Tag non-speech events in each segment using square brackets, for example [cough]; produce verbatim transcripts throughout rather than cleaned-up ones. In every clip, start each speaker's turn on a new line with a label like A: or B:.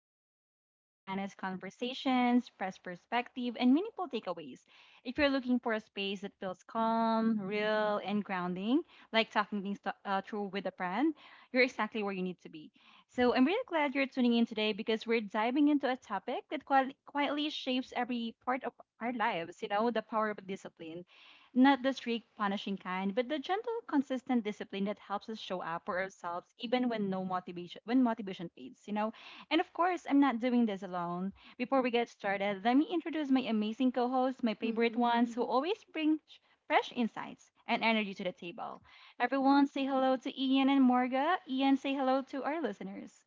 A: as always, bringing your honest conversations, fresh perspective, and meaningful takeaways. If you're looking for a space that feels calm, real, and grounding, like talking things to, uh, through with a friend, you're exactly where you need to be. So I'm really glad you're tuning in today because we're diving into a topic that qui- quietly shapes every part of our lives, you know, the power of discipline, not the strict, punishing kind, but the gentle, consistent discipline that helps us show up for ourselves even when no motivation when motivation fades, you know? And of course, I'm not doing this alone. Before we get started, let me introduce my amazing co-hosts, my favorite
B: Mhm.
A: ones who always bring sh- fresh insights and energy to the table. Everyone say hello to Ian and Morga. Ian, say hello to our listeners.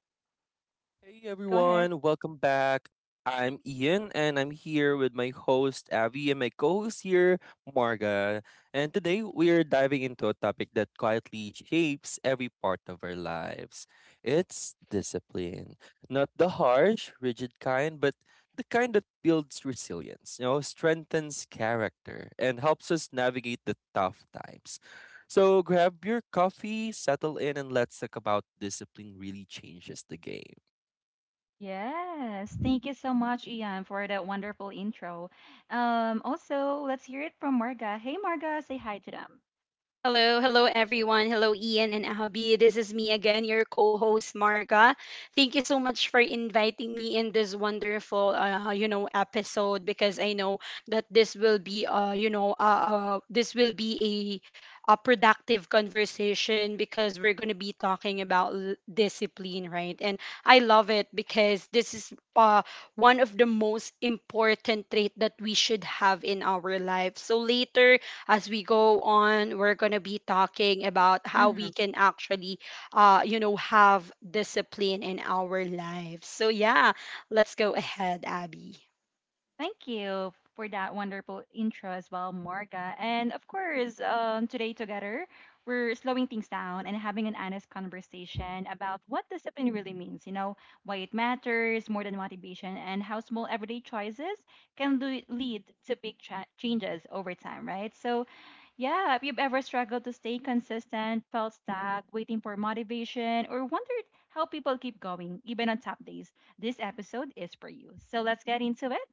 C: Hey
A: Go ahead.
C: everyone, welcome back. I'm Ian and I'm here with my host Avi and my co-host here, Marga. And today we are diving into a topic that quietly shapes every part of our lives. It's discipline. Not the harsh, rigid kind, but the kind that builds resilience, you know, strengthens character and helps us navigate the tough times. So grab your coffee, settle in, and let's talk about discipline really changes the game.
A: Yes, thank you so much, Ian, for that wonderful intro. Um, also, let's hear it from Marga. Hey, Marga, say hi to them.
B: Hello, hello everyone. Hello Ian and Abby. This is me again, your co-host Marga. Thank you so much for inviting me in this wonderful uh, you know episode because I know that this will be uh you know uh, uh this will be a a productive conversation because we're going to be talking about l- discipline, right? And I love it because this is uh one of the most important trait that we should have in our life. So later as we go on, we're going to be talking about how we
A: Mhm.
B: can actually, uh, you know, have discipline in our lives. So, yeah, let's go ahead, Abby.
A: Thank you for that wonderful intro as well, Marga. And of course, um, today together, we're slowing things down and having an honest conversation about what discipline really means, you know, why it matters more than motivation, and how small everyday choices can le- lead to big cha- changes over time, right? So, yeah, if you've ever struggled to stay consistent, felt stuck, waiting for motivation, or wondered how people keep going, even on top days, this episode is for you. So let's get into it.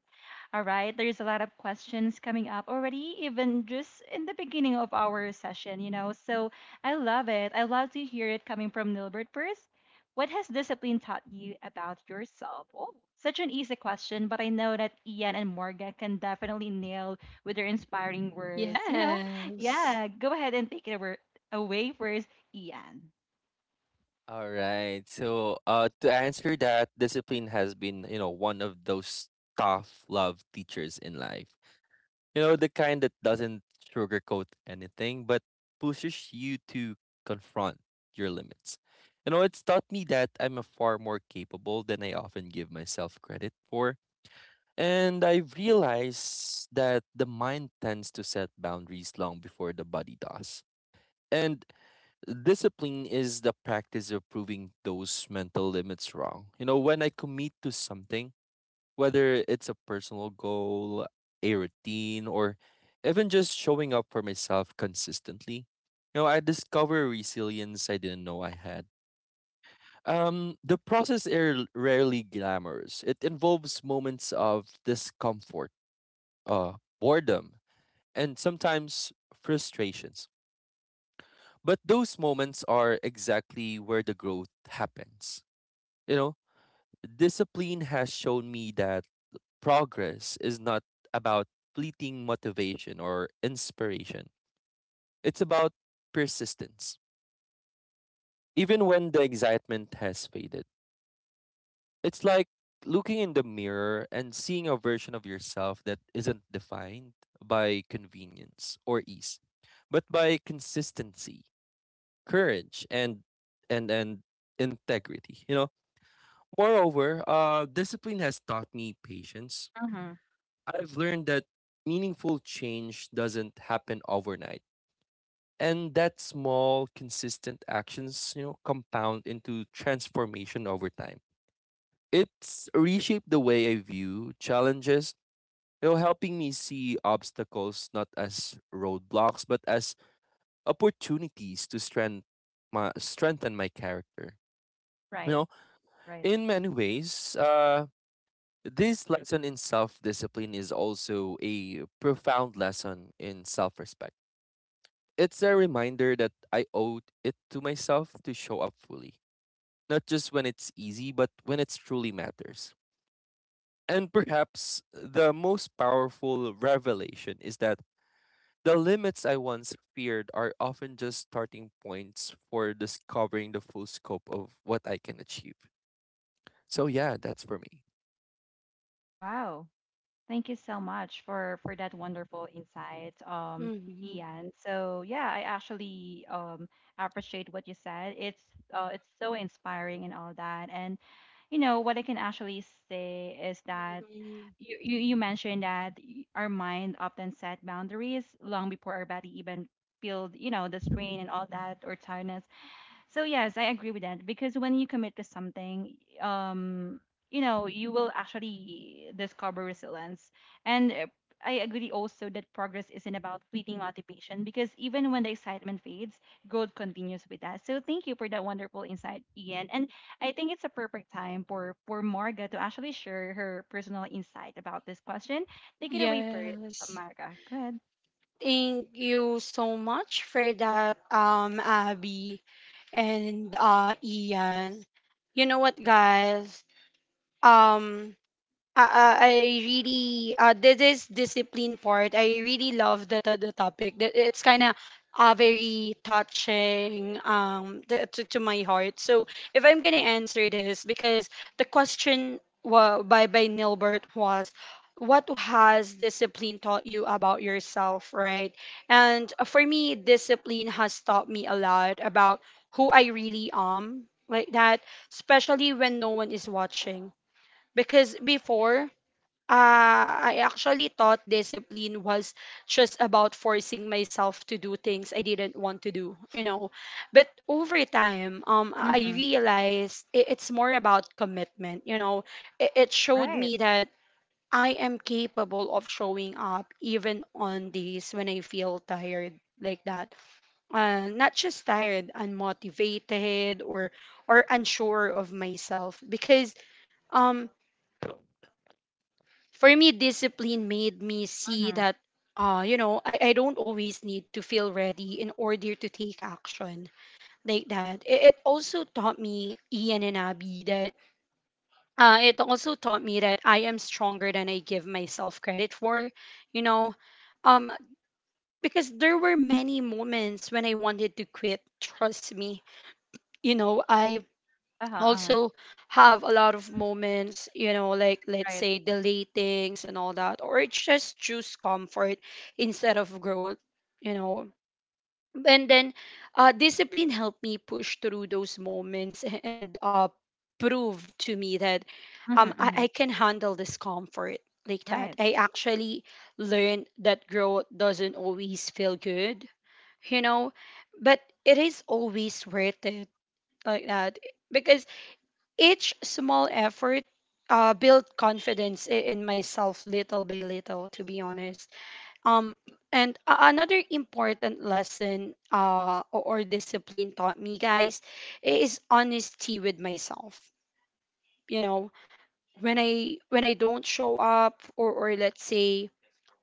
A: All right, there's a lot of questions coming up already, even just in the beginning of our session, you know. So I love it. I love to hear it coming from Nilbert first. What has discipline taught you about yourself? Oh, such an easy question, but I know that Ian and Morgan can definitely nail with their inspiring words, you know.
B: Yes.
A: Yeah, go ahead and take it over, away first, Ian.
C: All right. So, uh, to answer that, discipline has been, you know, one of those tough love teachers in life. You know, the kind that doesn't sugarcoat anything, but pushes you to confront your limits. You know, it's taught me that I'm a far more capable than I often give myself credit for. And I've realized that the mind tends to set boundaries long before the body does. And discipline is the practice of proving those mental limits wrong. You know, when I commit to something, whether it's a personal goal, a routine, or even just showing up for myself consistently, you know, I discover resilience I didn't know I had. Um, the process is rarely glamorous. It involves moments of discomfort, uh, boredom, and sometimes frustrations. But those moments are exactly where the growth happens. You know, discipline has shown me that progress is not about fleeting motivation or inspiration, it's about persistence. Even when the excitement has faded, it's like looking in the mirror and seeing a version of yourself that isn't defined by convenience or ease, but by consistency, courage, and and and integrity. You know, moreover, uh, discipline has taught me patience.
A: Mm-hmm.
C: I've learned that meaningful change doesn't happen overnight, and that small, consistent actions, you know, compound into transformation over time. It's reshaped the way I view challenges, you know, helping me see obstacles not as roadblocks but as opportunities to strengthen my strengthen my character. You
A: Right,
C: know,
A: right.
C: in many ways, uh, this lesson in self discipline is also a profound lesson in self respect. It's a reminder that I owe it to myself to show up fully, not just when it's easy, but when it truly matters. And perhaps the most powerful revelation is that the limits I once feared are often just starting points for discovering the full scope of what I can achieve. So, yeah, that's for me.
A: Wow. Thank you so much for for that wonderful insight, um,
B: Mhm.
A: Ian. So yeah, I actually um, appreciate what you said. It's uh, it's so inspiring and all that. And you know what I can actually say is that
B: Mhm.
A: you you, you mentioned that y- our mind often set boundaries long before our body even feel, you know, the strain and all that or tiredness. So yes, I agree with that because when you commit to something, um, you know, you will actually discover resilience. And uh, I agree also that progress isn't about fleeting motivation because even when the excitement fades, growth continues with us. So thank you for that wonderful insight, Ian. And I think it's a perfect time for for Marga to actually share her personal insight about this question. Take it away, for
B: Yes.
A: Marga. Go ahead.
B: Thank you so much for that, um, Abby and uh, Ian. You know what, guys? Um, I, I I really uh, this is discipline part. I really love the the, the topic. That it's kind of uh, very touching um the, to, to my heart. So if I'm gonna answer this, because the question wa- by by Nilbert was, what has discipline taught you about yourself, right? And uh, for me, discipline has taught me a lot about who I really am, like that, especially when no one is watching. Because before uh, I actually thought discipline was just about forcing myself to do things I didn't want to do, you know. But over time, um, I
A: Mm-hmm.
B: realized i- it's more about commitment, you know. It, it showed
A: Right.
B: me that I am capable of showing up even on days when I feel tired like that. Uh, not just tired, unmotivated or or unsure of myself because um for me, discipline made me see
A: Mm-hmm.
B: that, uh, you know, I, I don't always need to feel ready in order to take action like that. It, it also taught me, Ian and Abby, that uh, it also taught me that I am stronger than I give myself credit for, you know, um, because there were many moments when I wanted to quit. Trust me, you know, I
A: Uh huh. Uh huh.
B: also have a lot of moments, you know, like let's
A: Right.
B: say delatings and all that, or it's just choose comfort instead of growth, you know. And then uh, discipline helped me push through those moments [laughs] and uh, prove to me that
A: Mm-hmm.
B: um, I,
A: Mm-hmm.
B: I can handle discomfort like that.
A: Right.
B: I actually learned that growth doesn't always feel good, you know, but it is always worth it like that because each small effort uh, built confidence i- in myself little by little, to be honest. Um, and a- another important lesson uh, or or discipline taught me, guys, is honesty with myself. You know, when I when I don't show up or or let's say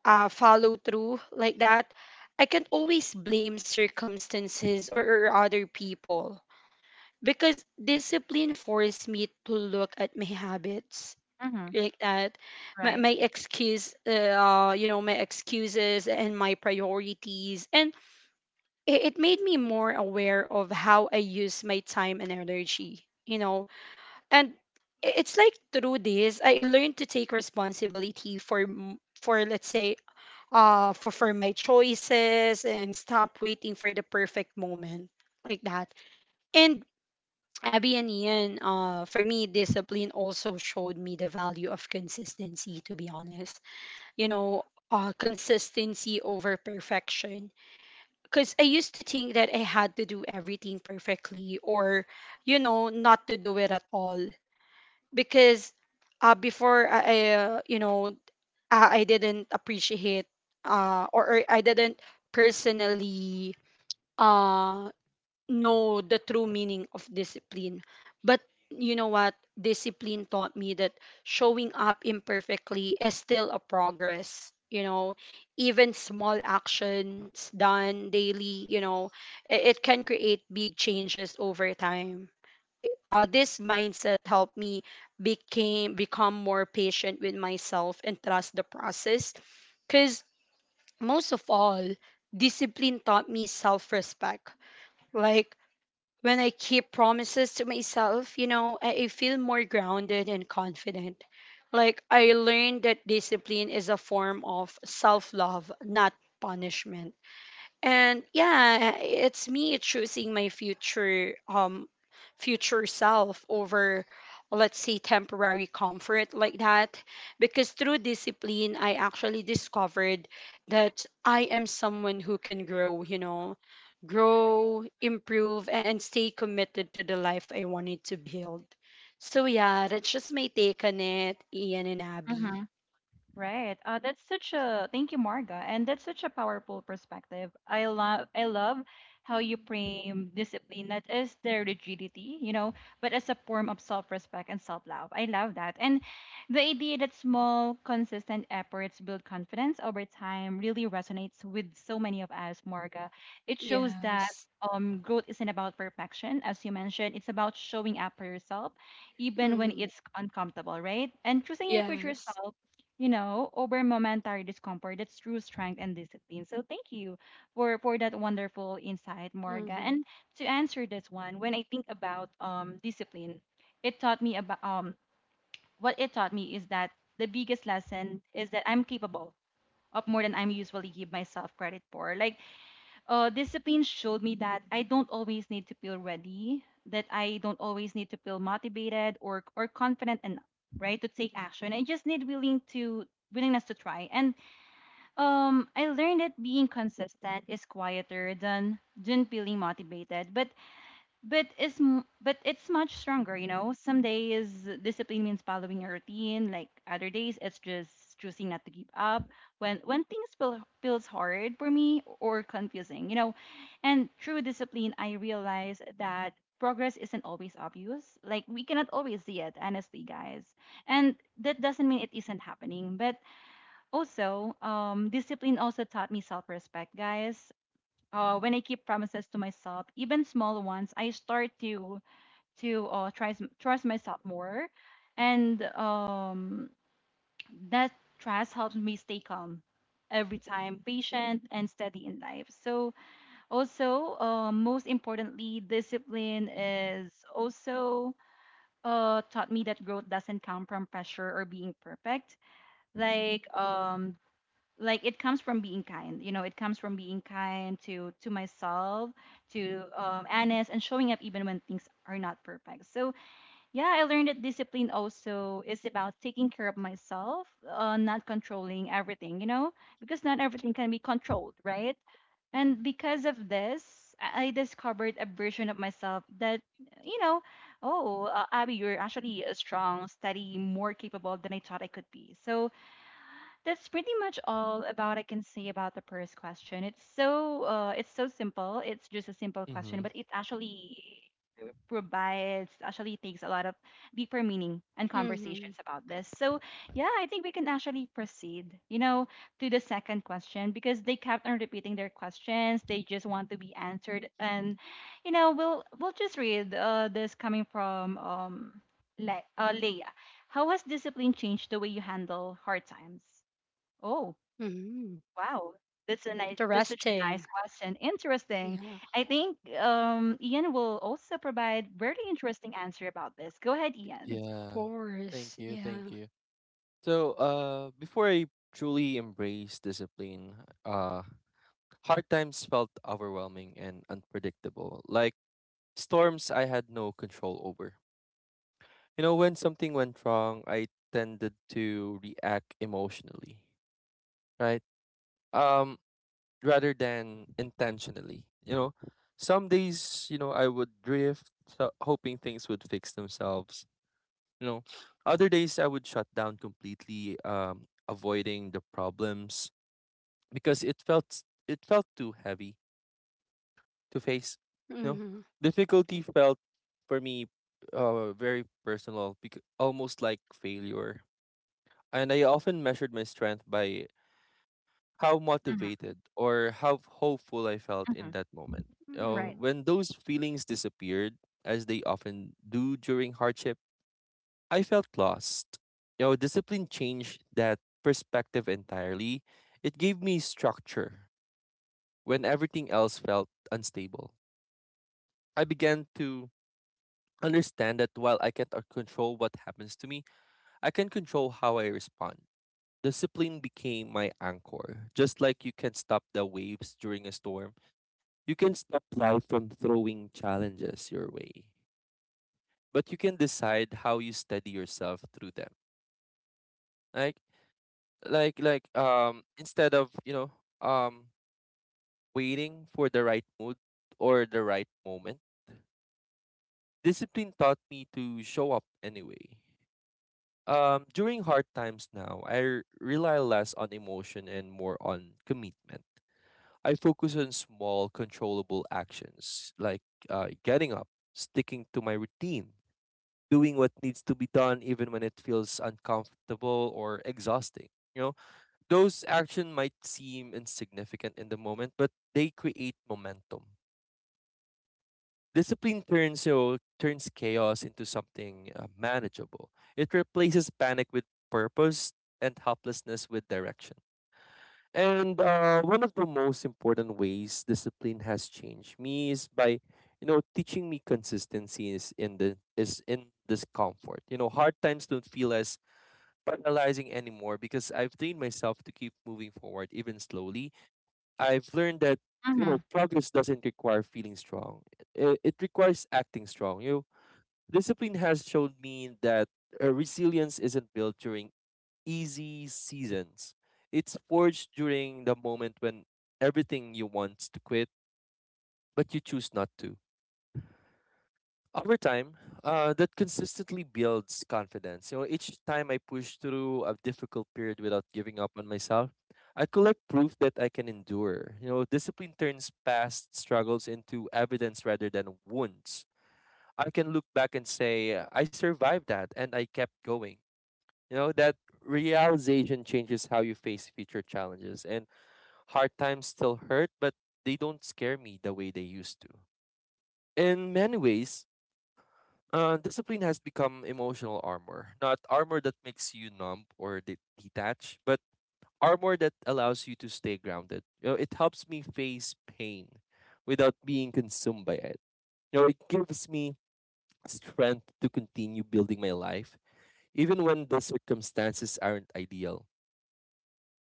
B: uh, follow through like that, I can always blame circumstances or, or other people because discipline forced me to look at my habits
A: Mm-hmm.
B: like that my,
A: Right.
B: my excuse uh uh, you know my excuses and my priorities, and it, it made me more aware of how I use my time and energy, you know. And i- it's like through this I learned to take responsibility for m- for let's say uh for, for my choices and stop waiting for the perfect moment like that. And Abby and Ian, uh, for me, discipline also showed me the value of consistency, to be honest. You know, uh, consistency over perfection. Because I used to think that I had to do everything perfectly or, you know, not to do it at all. Because uh, before I, I, uh, you know, I, I didn't appreciate uh, or, or I didn't personally uh know the true meaning of discipline. But you know what? Discipline taught me that showing up imperfectly is still a progress. You know, even small actions done daily, you know, i- it can create big changes over time. I- Uh, this mindset helped me became become more patient with myself and trust the process. Cause most of all, discipline taught me self-respect. Like when I keep promises to myself, you know, I, I feel more grounded and confident. Like I learned that discipline is a form of self love, not punishment. And yeah, it's me choosing my future um future self over let's say temporary comfort like that, because through discipline I actually discovered that I am someone who can grow, you know, grow improve a- and stay committed to the life I wanted to build. So yeah, that's just my take on it, Ian and Abby.
A: Hmm. Right. Uh, that's such a thank you, Marga, and that's such a powerful perspective. I love I love how you frame discipline that is their rigidity, you know, but as a form of self-respect and self-love. I love that. And the idea that small, consistent efforts build confidence over time really resonates with so many of us, Marga. It shows that,
B: Yes.
A: um, growth isn't about perfection, as you mentioned. It's about showing up for yourself, even when
B: Mm.
A: it's uncomfortable, right? And choosing your future
B: Yes.
A: self, you know, over momentary discomfort. That's true strength and discipline. So thank you for for that wonderful insight, Morga.
B: Hmm.
A: And to answer this one, when I think about um discipline, it taught me about um what it taught me is that the biggest lesson is that I'm capable of more than I'm usually give myself credit for. Like, uh, discipline showed me that I don't always need to feel ready, that I don't always need to feel motivated or or confident enough, right, to take action. I just need willing to willingness to try. And um, I learned that being consistent is quieter than than feeling motivated. But but it's m- but it's much stronger, you know. Some days discipline means following your routine, like other days it's just choosing not to give up when when things feel, feels hard for me or confusing, you know. And through discipline I realize that progress isn't always obvious. Like we cannot always see it, honestly, guys, and that doesn't mean it isn't happening. But also, um discipline also taught me self-respect, guys. Uh, when I keep promises to myself, even small ones, I start to to uh, trust trust myself more, and um, that trust helps me stay calm every time, patient and steady in life. So also, uh, most importantly, discipline is also, uh, taught me that growth doesn't come from pressure or being perfect. Like, um, like it comes from being kind. You know, it comes from being kind to to myself, to um honest and showing up even when things are not perfect. So yeah, I learned that discipline also is about taking care of myself, uh, not controlling everything, you know, because not everything can be controlled, right? And because of this, i I discovered a version of myself that, you know, oh, uh, Abby, you're actually a strong, steady, more capable than I thought I could be. So that's pretty much all about I can say about the first question. It's so, uh, it's so simple. It's just a simple question,
C: Mm-hmm.
A: but it actually provides actually takes a lot of deeper meaning and conversations
B: Hmm.
A: about this. So yeah, I think we can actually proceed, you know, to the second question, because they kept on repeating their questions. They just want to be answered. And you know, we'll we'll just read, uh, this coming from, um, Le- uh, Leia. How has discipline changed the way you handle hard times? Oh,
B: Mhm.
A: wow. That's a nice,
B: The
A: that's such a
B: resting.
A: nice question. Interesting.
B: Yeah,
A: I think, um, Ian will also provide very interesting answer about this. Go ahead,
B: of
A: Ian.
C: Yeah.
B: course.
C: Thank you.
B: Yeah.
C: Thank you. So, uh, before I truly embraced discipline, uh, hard times felt overwhelming and unpredictable, like storms I had no control over. You know, when something went wrong, I tended to react emotionally, right? Um, Rather than intentionally. You know, some days, you know, I would drift, so- hoping things would fix themselves. You know, other days I would shut down completely, um, avoiding the problems because it felt it felt too heavy to face. You know,
B: Mhm.
C: difficulty felt for me uh very personal, bec- almost like failure. And I often measured my strength by how
A: Hmm.
C: motivated or how hopeful I felt in
A: Hmm.
C: that moment.
B: Mhm.
C: Uh,
A: Right.
C: when those feelings disappeared, as they often do during hardship, I felt lost. You know, discipline changed that perspective entirely. It gave me structure when everything else felt unstable. I began to understand that while I can't uh, control what happens to me, I can control how I respond. Discipline became my anchor. Just like you can stop the waves during a storm, you can stop life from throwing challenges your way. But you can decide how you steady yourself through them. Like like like um instead of, you know, um waiting for the right mood or the right moment, discipline taught me to show up anyway. Um, during hard times now, I r- rely less on emotion and more on commitment. I focus on small, controllable actions like uh, getting up, sticking to my routine, doing what needs to be done even when it feels uncomfortable or exhausting. You know, those actions might seem insignificant in the moment, but they create momentum. Discipline turns so turns chaos into something uh, manageable. It replaces panic with purpose and helplessness with direction. And uh, one of the most important ways discipline has changed me is by, you know, teaching me consistency is in the is in discomfort. You know, hard times don't feel as paralyzing anymore because I've trained myself to keep moving forward even slowly. I've learned that, you
A: Hmm.
C: know, progress doesn't require feeling strong. It, it requires acting strong. You discipline has shown me that uh, resilience isn't built during easy seasons. It's forged during the moment when everything you want to quit, but you choose not to. Over time, uh, that consistently builds confidence. You know, each time I push through a difficult period without giving up on myself, I collect proof that I can endure. You know, discipline turns past struggles into evidence rather than wounds. I can look back and say, I survived that and I kept going. You know, that realization changes how you face future challenges, and hard times still hurt, but they don't scare me the way they used to. In many ways, uh, discipline has become emotional armor, not armor that makes you numb or de- detached, but armor that allows you to stay grounded. You know, it helps me face pain without being consumed by it. You know, it gives me strength to continue building my life, even when the circumstances aren't ideal.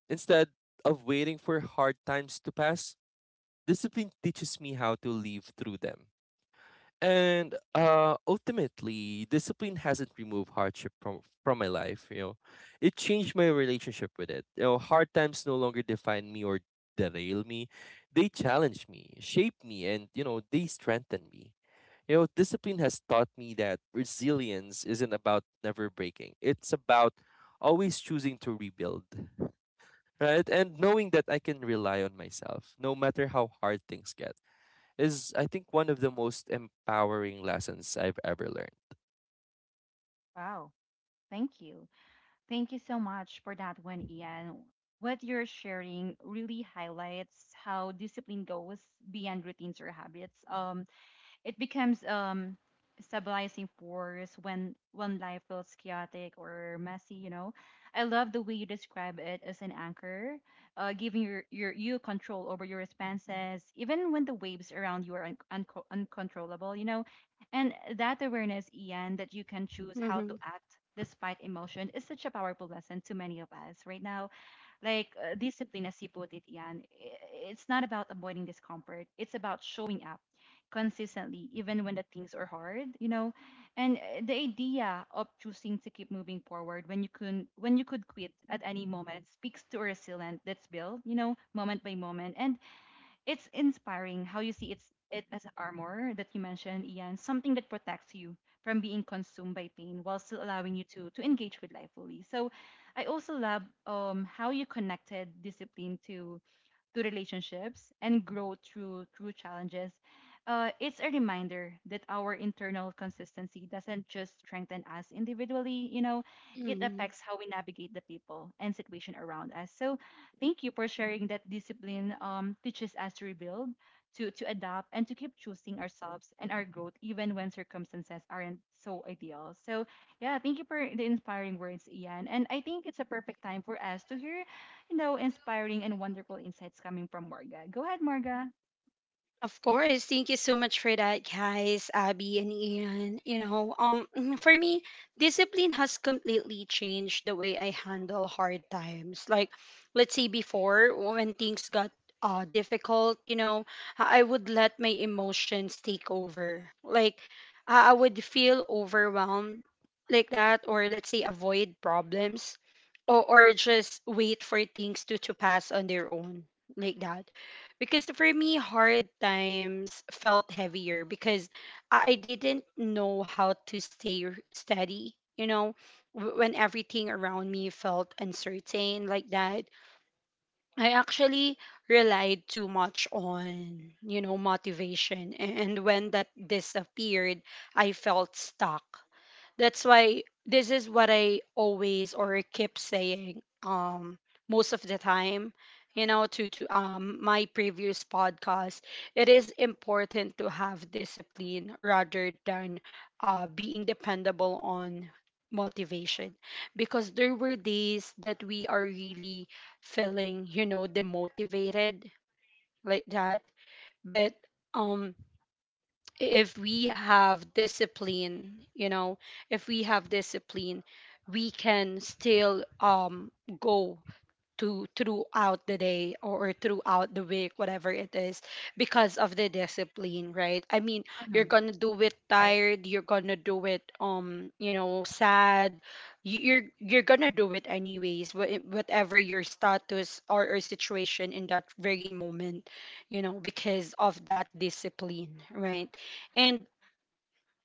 C: Instead of waiting for hard times to pass, discipline teaches me how to live through them. And uh, ultimately, discipline hasn't removed hardship from from my life. You know, it changed my relationship with it. You know, hard times no longer define me or derail me; they challenge me, shape me, and you know, they strengthen me. You know, discipline has taught me that resilience isn't about never breaking; it's about always choosing to rebuild, right? And knowing that I can rely on myself, no matter how hard things get is I think one of the most empowering lessons I've ever learned.
A: Wow. Thank you. Thank you so much for that one, Ian. What you're sharing really highlights how discipline goes beyond routines or habits. Um, It becomes um stabilizing force when when life feels chaotic or messy, you know. I love the way you describe it as an anchor, uh, giving your, your you control over your responses, even when the waves around you are un- unco uncontrollable, you know. And that awareness, Ian, that you can choose how
B: Mhm.
A: to act despite emotion is such a powerful lesson to many of us right now, like, uh, discipline, as you put it, Ian, i- it's not about avoiding discomfort. It's about showing up consistently, even when the things are hard, you know. And uh, the idea of choosing to keep moving forward when you can, when you could quit at any moment speaks to a resilience that's built, you know, moment by moment. And it's inspiring how you see it's it as armor that you mentioned, Ian, something that protects you from being consumed by pain while still allowing you to to engage with life fully. So I also love um how you connected discipline to to relationships and grow through through challenges. Uh, it's a reminder that our internal consistency doesn't just strengthen us individually, you know, it
B: Mhm.
A: affects how we navigate the people and situation around us. So thank you for sharing that discipline, um, teaches us to rebuild, to to adapt, and to keep choosing ourselves and our growth even when circumstances aren't so ideal. So, yeah, thank you for the inspiring words, Ian. And I think it's a perfect time for us to hear, you know, inspiring and wonderful insights coming from Marga. Go ahead, Marga.
B: Of course. Thank you so much for that, guys, Abby and Ian. You know, um [clears throat] for me, discipline has completely changed the way I handle hard times. Like let's say before when things got uh difficult, you know, I I would let my emotions take over. Like I I would feel overwhelmed like that, or let's say avoid problems or, or just wait for things to to pass on their own like that, because for me, hard times felt heavier because I I didn't know how to stay r- steady. You know, w- when everything around me felt uncertain like that, I actually relied too much on, you know, motivation. A- And when that disappeared, I felt stuck. That's why this is what I always or keep saying um most of the time, you know, to to um my previous podcast. It is important to have discipline rather than uh being dependable on motivation, because there were days that we are really feeling, you know, demotivated like that. But um if we have discipline, you know, if we have discipline, we can still um go to throughout the day or throughout the week, whatever it is, because of the discipline, right? I mean, you're
A: Mm-hmm.
B: gonna do it
A: Right.
B: tired, you're gonna do it um you know sad, you, you're you're gonna do it anyways, wha- whatever your status or, or situation in that very moment, you know, because of that discipline, right? And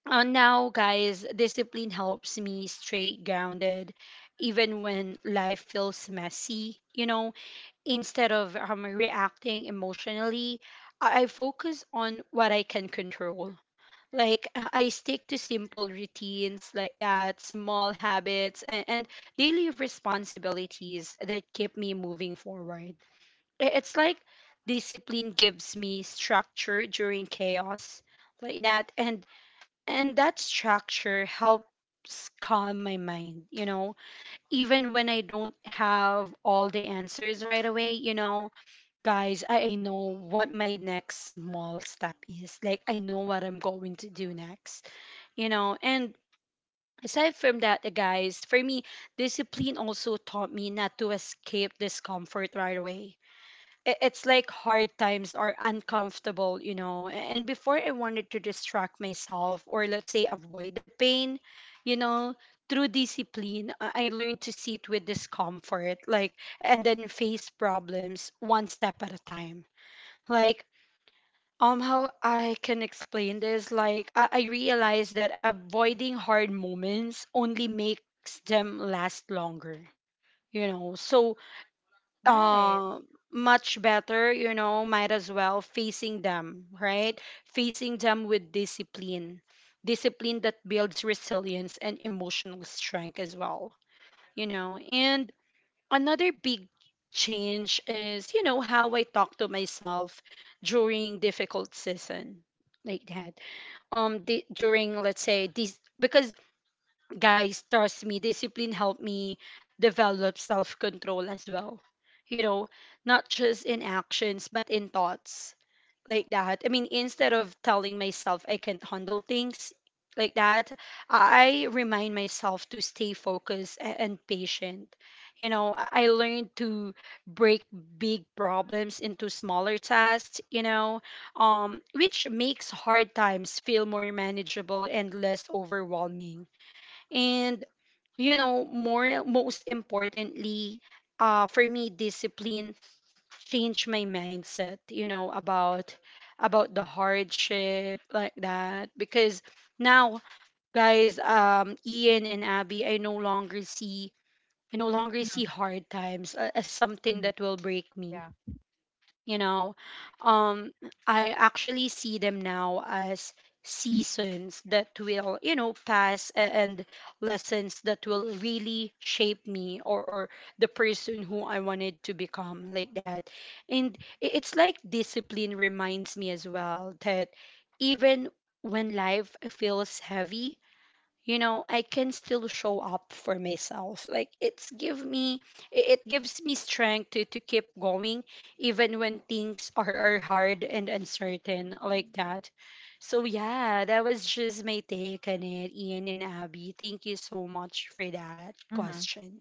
B: uh, now guys, discipline helps me stay grounded even when life feels messy, you know. Instead of um, reacting emotionally, I I focus on what I can control. Like uh, I stick to simple routines like that, small habits, and, and daily responsibilities that keep me moving forward. I- It's like discipline gives me structure during chaos, like that, and and that structure helps calm my mind. You know, even when I don't have all the answers right away, you know, guys, I, I know what my next small step is. Like, I know what I'm going to do next, you know? And aside from that, uh, guys, for me, discipline also taught me not to escape discomfort right away. I- It's like hard times are uncomfortable, you know? A- And before I wanted to distract myself or, let's say, avoid the pain, you know? Through discipline, I I learned to sit with discomfort, like, and then face problems one step at a time. Like um how I can explain this, like i, I realize that avoiding hard moments only makes them last longer, you know. So
A: Right.
B: uh much better, you know, might as well facing them, right? Facing them with discipline, discipline that builds resilience and emotional strength as well, you know. And another big change is, you know, how I talk to myself during difficult season like that. Um di- during let's say this, because guys trust me, discipline helped me develop self-control as well, you know, not just in actions but in thoughts like that. I mean, instead of telling myself I can't handle things like that, I remind myself to stay focused a- and patient. You know, I I learned to break big problems into smaller tasks, you know, um, which makes hard times feel more manageable and less overwhelming. And, you know, more most importantly, uh, for me, discipline change my mindset, you know, about about the hardship like that. Because now guys, um Ian and Abby, I no longer see, I no longer see
A: Mm-hmm.
B: hard times a- as something
A: Mm-hmm.
B: that will break me,
A: Yeah.
B: you know. um I actually see them now as seasons that will, you know, pass a- and lessons that will really shape me or or the person who I wanted to become like that. And i- it's like discipline reminds me as well that even when life feels heavy, you know, I can still show up for myself. Like it's give me, i- it gives me strength to, to keep going even when things are, are hard and uncertain like that. So yeah, that was just my take on it, Ian and Abby. Thank you so much for that
A: Mm-hmm.
B: question.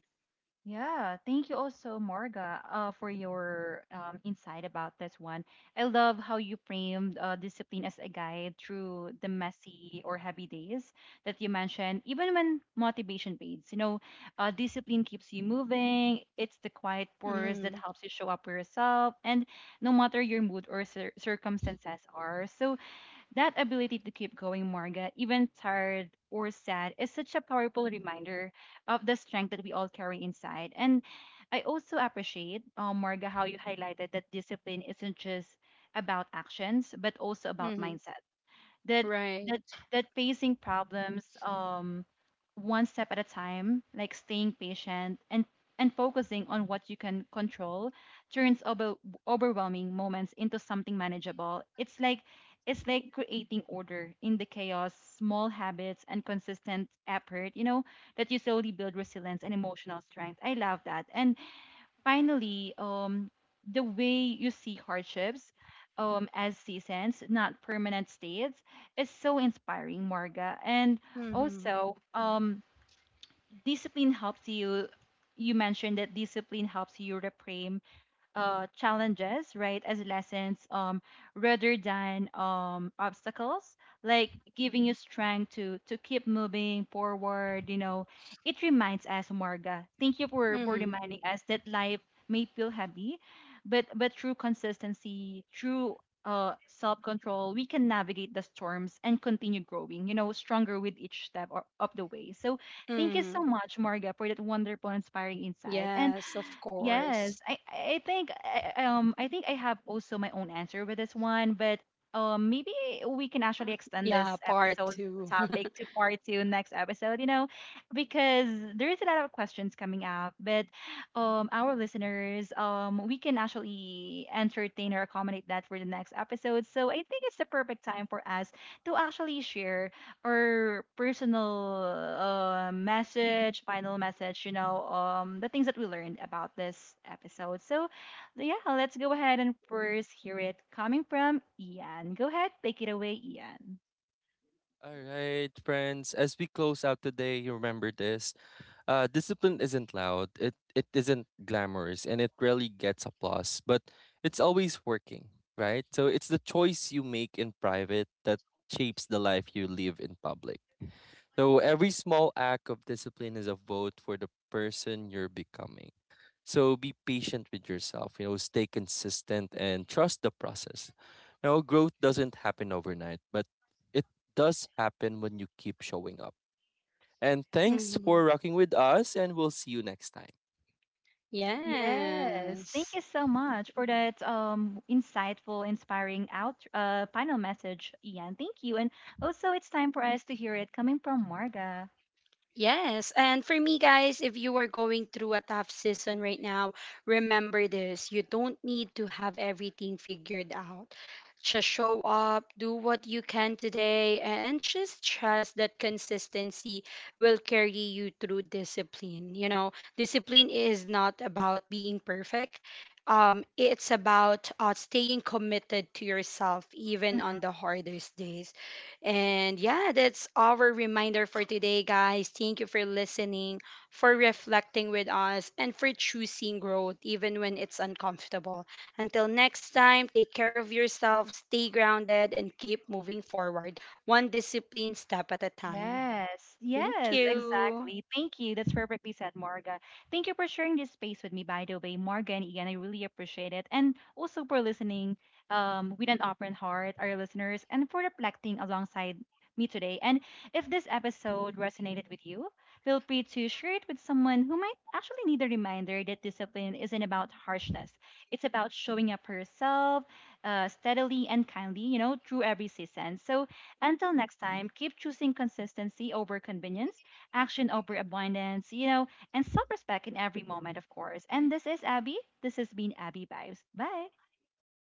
A: Yeah, thank you also, Marga, uh, for your, um, insight about this one. I love how you framed, uh, discipline as a guide through the messy or heavy days that you mentioned. Even when motivation fades, you know, uh, discipline keeps you moving. It's the quiet
B: Mm-hmm.
A: purpose that helps you show up for yourself, and no matter your mood or cir circumstances are. So that ability to keep going, Marga, even tired or sad, is such a powerful reminder of the strength that we all carry inside. And I also appreciate, uh, Marga, how you highlighted that discipline isn't just about actions, but also about
B: Mm-hmm.
A: mindset, that
B: Right.
A: that that facing problems, um one step at a time, like staying patient and and focusing on what you can control turns over, overwhelming moments into something manageable. It's like it's like creating order in the chaos, small habits and consistent effort, you know, that you slowly build resilience and emotional strength. I love that. And finally, um, the way you see hardships, um, as seasons, not permanent states, is so inspiring, Morga. And
B: Mm-hmm.
A: also, um, discipline helps you. You mentioned that discipline helps you reframe, uh, challenges, right, as lessons, um, rather than, um, obstacles, like giving you strength to to keep moving forward. You know, it reminds us, Marga. Thank you for for
B: Mm-hmm.
A: reminding us that life may feel heavy, but but through consistency, through, uh, self control, we can navigate the storms and continue growing, you know, stronger with each step o- of the way. So thank you
B: Mm-hmm.
A: so much, Marga, for that wonderful, inspiring insight and.
B: Yes, of
A: Yes,
B: course.
A: I I think I- um I think I have also my own answer with this one, but um maybe we can actually
B: [laughs]
A: extend
B: Yeah,
A: this
B: part
A: episode
B: two. [laughs]
A: topic to part two next episode, you know, because there is a lot of questions coming up, but um our listeners, um we can actually entertain or accommodate that for the next episode. So I think it's the perfect time for us to actually share or personal, uh, message, final message, you know, um, the things that we learned about this episode. So, yeah, let's go ahead and first hear it coming from Ian. Go ahead, take it away, Ian.
C: All right, friends, as we close out today, you remember this. Uh, discipline isn't loud, it, it isn't glamorous, and it rarely gets applause, but it's always working, right? So it's the choice you make in private that shapes the life you live in public. So every small act of discipline is a vote for the person you're becoming. So be patient with yourself, you know, stay consistent and trust the process. You know, growth doesn't happen overnight, but it does happen when you keep showing up. And thanks for
B: Mm-hmm.
C: rocking with us, and we'll see you next time.
A: Yes, thank you
B: Yes.
A: so much for that um insightful, inspiring out uh final message, Ian. Thank you, and also it's time for us to hear it coming from Marga.
B: Yes. And for me, guys, if you are going through a tough season right now, remember this, you don't need to have everything figured out. Just show up, do what you can today, and just trust that consistency will carry you through discipline. You know, discipline is not about being perfect, um, it's about uh, staying committed to yourself, even on the hardest days. And yeah, that's our reminder for today, guys. Thank you for listening, for reflecting with us, and for choosing growth even when it's uncomfortable. Until next time, take care of yourself, stay grounded, and keep moving forward, one discipline step at a time.
A: Yes,
B: Thank
A: yes,
B: you.
A: exactly. Thank you. That's perfectly said, Marga. Thank you for sharing this space with me, by the way, Marga and Ian. I really appreciate it. And also for listening, um, with an open heart, our listeners, and for reflecting alongside me today. And if this episode resonated with you, feel free to share it with someone who might actually need a reminder that discipline isn't about harshness. It's about showing up for yourself, uh, steadily and kindly, you know, through every season. So, until next time, keep choosing consistency over convenience, action over abundance, you know, and self respect in every moment, of course. And this is Abby. This has been Abby Vibes. Bye.